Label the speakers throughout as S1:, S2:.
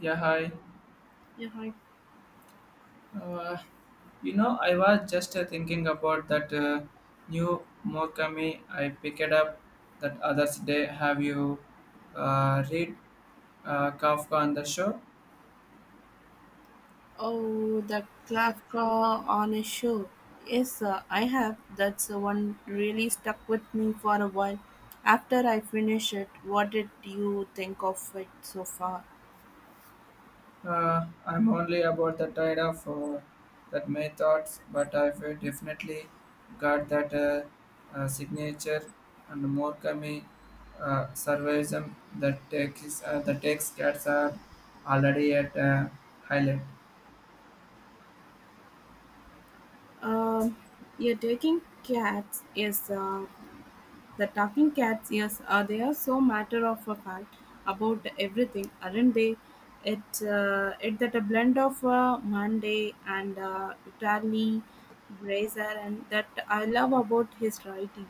S1: Yeah, hi.
S2: Yeah, hi.
S1: Uh, I was just thinking about that new Morkami I picked up that others day. Have you read Kafka on the show?
S2: Oh, the Kafka on a show. Yes, I have. That's the one really stuck with me for a while. After I finish it, what did you think of it so far?
S1: I'm only about the tide of that my thoughts, but I feel definitely got that signature and Morkami surveys that takes the text cats are already at highlight.
S2: Um, you're taking cats is the talking cats, yes, they are so matter of a fact about everything, aren't they? It that a blend of Monday and Italy, Brazier, and that I love about his writing.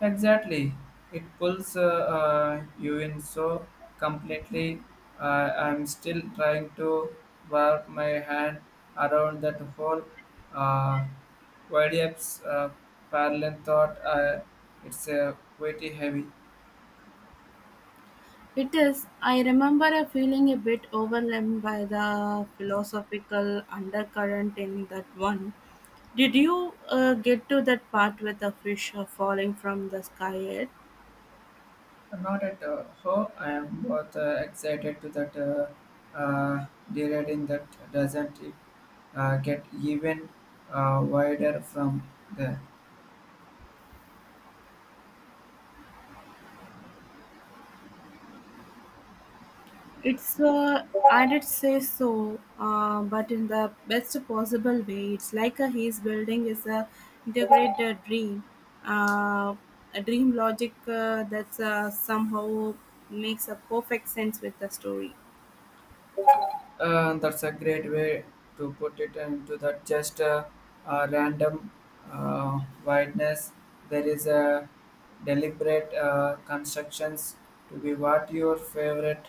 S1: Exactly. It pulls you in so completely. I'm still trying to work my hand around that whole uh, YDF's parallel thought. It's pretty heavy.
S2: It is. I remember a feeling a bit overwhelmed by the philosophical undercurrent in that one. Did you get to that part with the fish falling from the sky yet?
S1: Not at all. I am both excited to that deriding that doesn't get even wider from there.
S2: It's I did say so, but in the best possible way. It's like a he's building is a integrated dream, uh, a dream logic that's somehow makes a perfect sense with the story.
S1: That's a great way to put it into that just a random wideness. There is a deliberate constructions to be what your favorite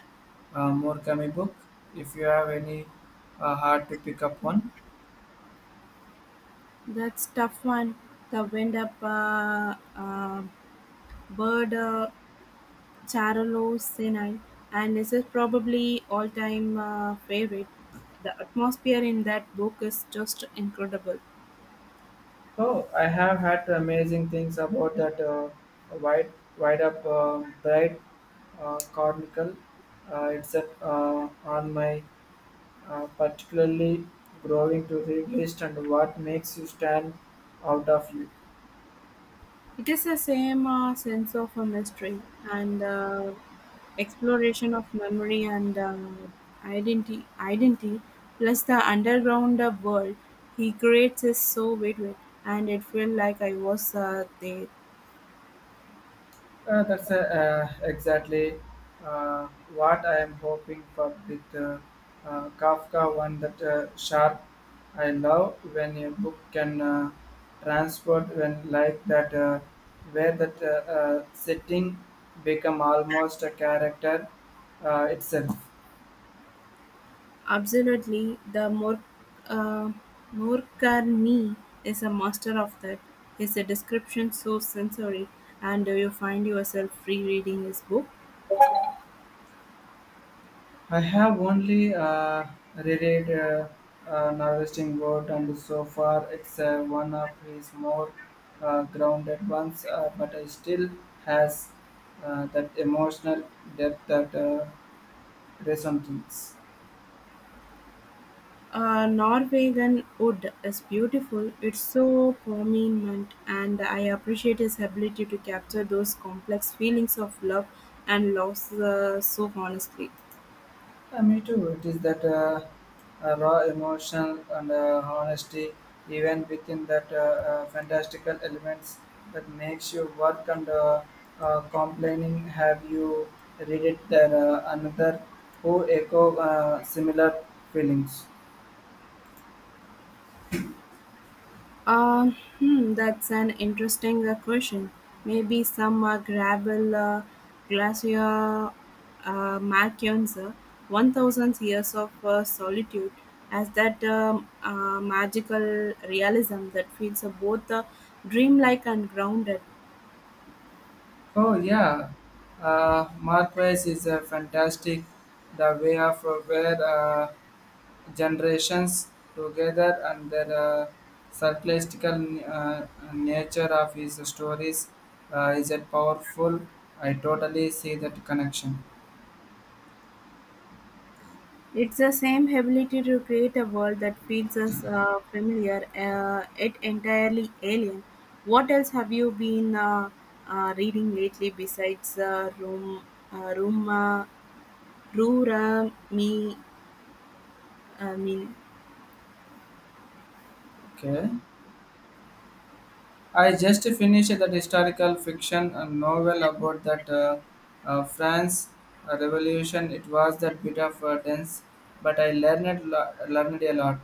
S1: Murakami book. If you have any hard to pick up one.
S2: That's tough one. The wind up bird Charolo Senai, and this is probably all time favorite. The atmosphere in that book is just incredible.
S1: Oh, I have had amazing things about that wide, wide up, bright cornicle. It's at, on my are particularly growing to read list, and what makes you stand out of you.
S2: It is the same sense of a mystery and exploration of memory and identity, plus the underground world he creates is so vivid, and it felt like I was there.
S1: That's exactly uh, what I am hoping for with Kafka, one that sharp. I love when a book can transport when like that, where that setting become almost a character itself.
S2: Absolutely, the more uh, Morcarni is a master of that. His description so sensory, and you find yourself free reading his book.
S1: I have only reread Novelizing World, and so far it's one of his more grounded ones, but it still has that emotional depth that resonates.
S2: Norwegian Wood is beautiful. It's so prominent, and I appreciate his ability to capture those complex feelings of love and loss so honestly.
S1: Me too. It is that raw emotional and honesty, even within that fantastical elements that makes you work and complaining. Have you read it, there another who echo similar feelings?
S2: That's an interesting question. Maybe some gravel glacier Markians, 1,000 years of solitude, as that magical realism that feels both dreamlike and grounded.
S1: Oh yeah, Marquez is a fantastic. The way of where. Generations together and the circulastical uh, nature of his stories is a powerful. I totally see that connection.
S2: It's the same ability to create a world that feels us familiar, yet entirely alien. What else have you been reading lately besides Room, Rura, Me? I mean,
S1: Okay, I just finished that historical fiction novel about that france revolution. It was that bit of dense, but I learned learned a lot.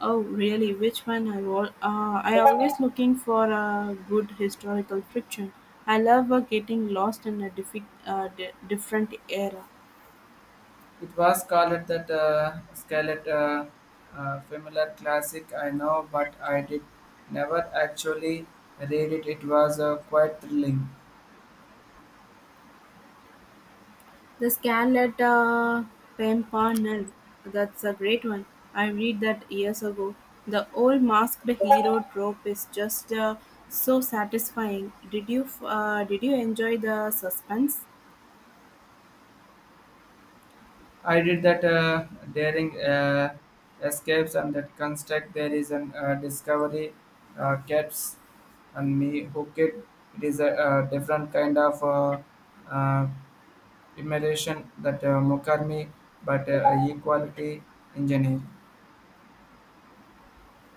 S2: oh really? Which one? I always looking for a good historical fiction. I love getting lost in a different era.
S1: It was called that Scarlet, familiar classic, I know, but I did never actually read it. It was quite thrilling.
S2: The Scarlet Pimpernel. That's a great one. I read that years ago. The old masked hero trope is just so satisfying. Did you enjoy the suspense?
S1: I did that daring escapes and that construct. There is an discovery caps and me hooked. It is a, different kind of uh, immersion that Mukarmi, but equality engineer.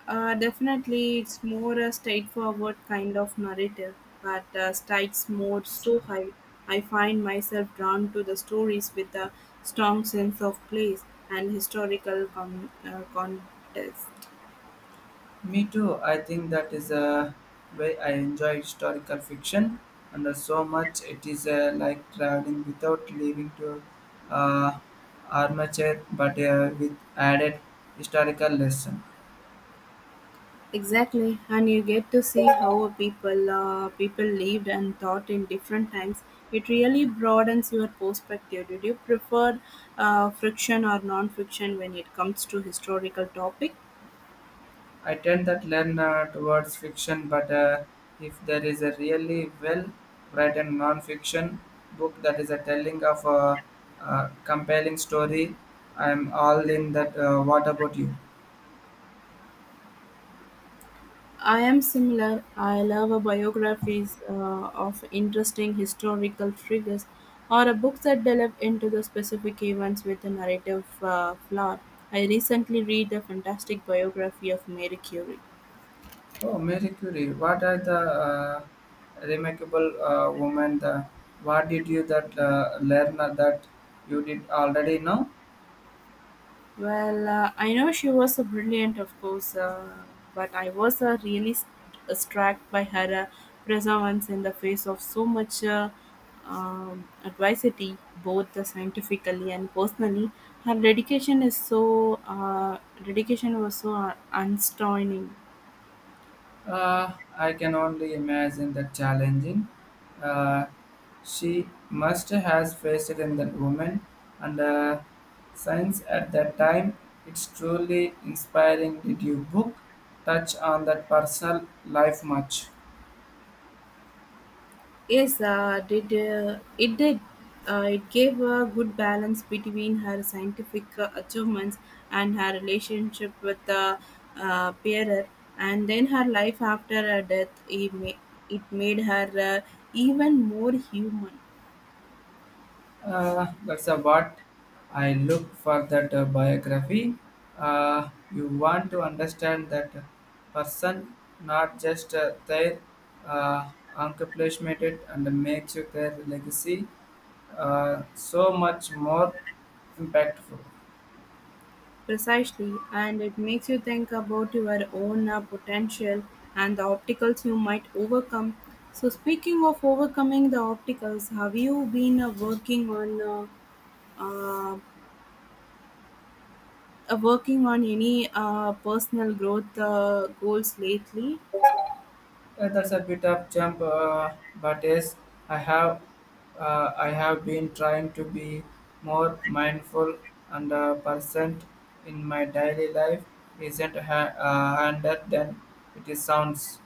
S2: Definitely, it's more a straightforward kind of narrative, but strikes more so high. I find myself drawn to the stories with a strong sense of place and historical context.
S1: Me too. I think that is a way I enjoy historical fiction, and there's so much, it is like traveling without leaving to uh, armchair, but with added historical lesson.
S2: Exactly, and you get to see how people lived and thought in different times. It really broadens your perspective. Did you prefer friction or non-fiction when it comes to historical topic?
S1: I tend that learn towards fiction, but if there is a really well written non-fiction book that is a telling of a compelling story, I'm all in that. What about you?
S2: I am similar. I love a biographies of interesting historical figures or a books that delve into the specific events with a narrative flaw. I recently read the fantastic biography of Mary Curie.
S1: Oh, Marie Curie, what are the remarkable woman? The, what did you that learn that you did already know?
S2: Well, I know she was a brilliant, of course, but I was really struck by her perseverance in the face of so much adversity, both scientifically and personally. Her dedication was so unstraining.
S1: I can only imagine the challenging. Uh, she must has faced in that woman and science at that time. It's truly inspiring. Did you book touch on that personal life much?
S2: Yes, did it did. It gave a good balance between her scientific achievements and her relationship with the Pierre, and then her life after her death. It made her even more human.
S1: That's a what I look for that biography. You want to understand that person, not just their uh, accomplishment, and makes you their legacy so much more impactful.
S2: Precisely, and it makes you think about your own potential and the obstacles you might overcome. So, speaking of overcoming the obstacles, have you been working on? Uh, working on any personal growth goals lately?
S1: That's a bit of jump, but yes, I have I have been trying to be more mindful and present in my daily life. Isn't handed than it sounds.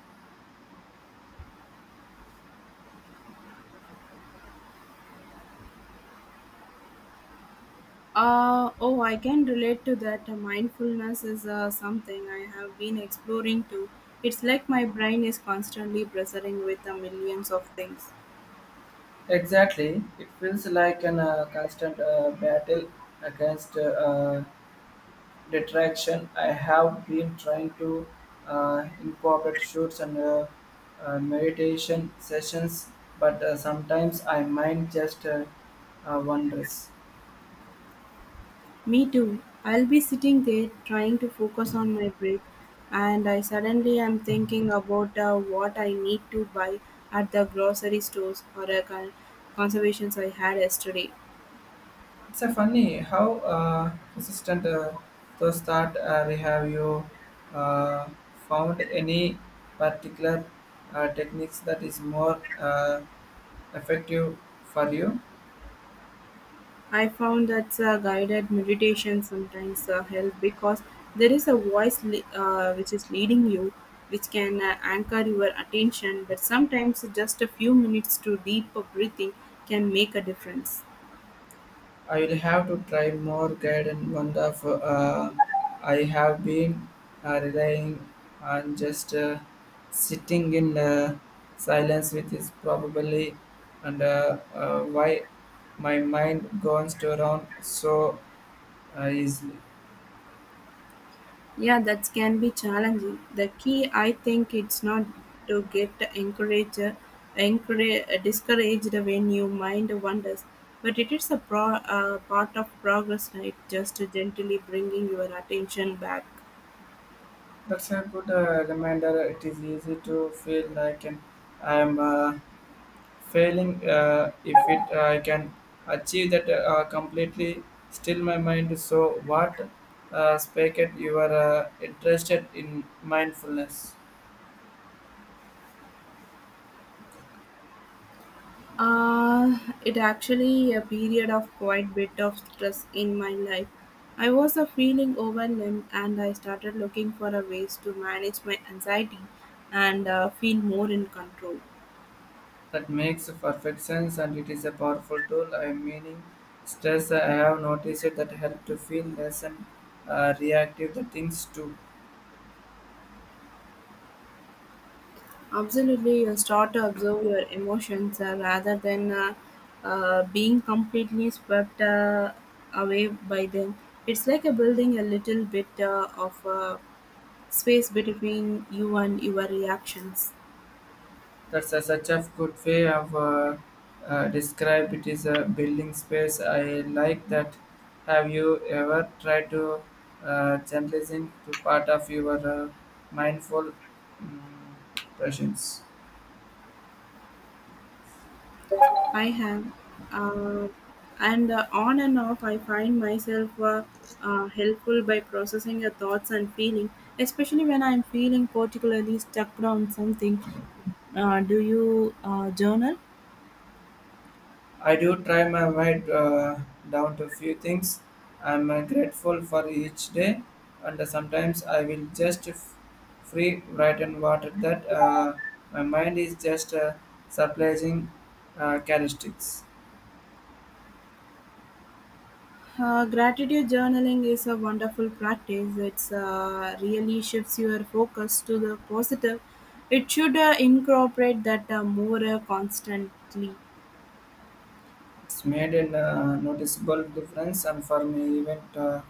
S2: Oh, I can relate to that. Mindfulness is something I have been exploring too. It's like my brain is constantly buzzing with millions of things.
S1: Exactly, it feels like an constant battle against detraction. I have been trying to incorporate shoots and meditation sessions, but sometimes I mind just wonders.
S2: Me too. I'll be sitting there trying to focus on my breath, and I suddenly am thinking about what I need to buy at the grocery stores or a conservations I had yesterday.
S1: It's a funny how consistent those thought we have. You uh, found any particular techniques that is more effective for you.
S2: I found that the guided meditation sometimes help because there is a voice which is leading you, which can anchor your attention. But sometimes just a few minutes to deeper breathing can make a difference.
S1: I will have to try more guidance. One of I have been relying on just sitting in silence, which is probably and why my mind goes to around so easily.
S2: Yeah, that can be challenging. The key, I think, it's not to get discouraged when your mind wanders, but it is a part of progress, right? Just gently bringing your attention back.
S1: That's a good reminder. It is easy to feel like an, I am. Failing if it I can achieve that completely still my mind. So what spake it, you are interested in mindfulness?
S2: Uh, it actually a period of quite bit of stress in my life. I was a feeling overwhelmed and I started looking for a ways to manage my anxiety and feel more in control.
S1: That makes perfect sense, and it is a powerful tool. I meaning stress, I have noticed it that help to feel less and reactive the things too.
S2: Absolutely, you start to observe your emotions rather than being completely swept away by them. It's like a building a little bit of space between you and your reactions.
S1: That's a, such a good way of describe, it is a building space. I like that. Have you ever tried to journalism to part of your mindful um, presence?
S2: I have. Uh, and on and off, I find myself helpful by processing your thoughts and feeling, especially when I'm feeling particularly stuck on something. Do you journal?
S1: I do try my way down to few things. I'm grateful for each day, and sometimes I will just free write and water that my mind is just surprising characteristics.
S2: Gratitude journaling is a wonderful practice. It's really shifts your focus to the positive. It should incorporate that more constantly.
S1: It's made a noticeable difference, and for me, even uh,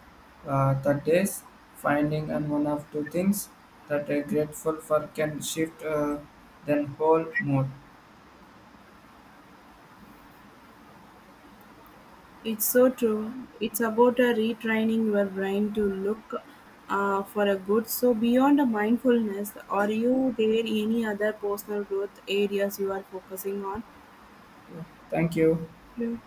S1: uh, the days finding and one of two things that are grateful for can shift then whole mood.
S2: It's so true. It's about a retraining your brain to look for a good. So beyond a mindfulness, are you there any other personal growth areas you are focusing on?
S1: Yeah. Thank you.
S2: Yeah.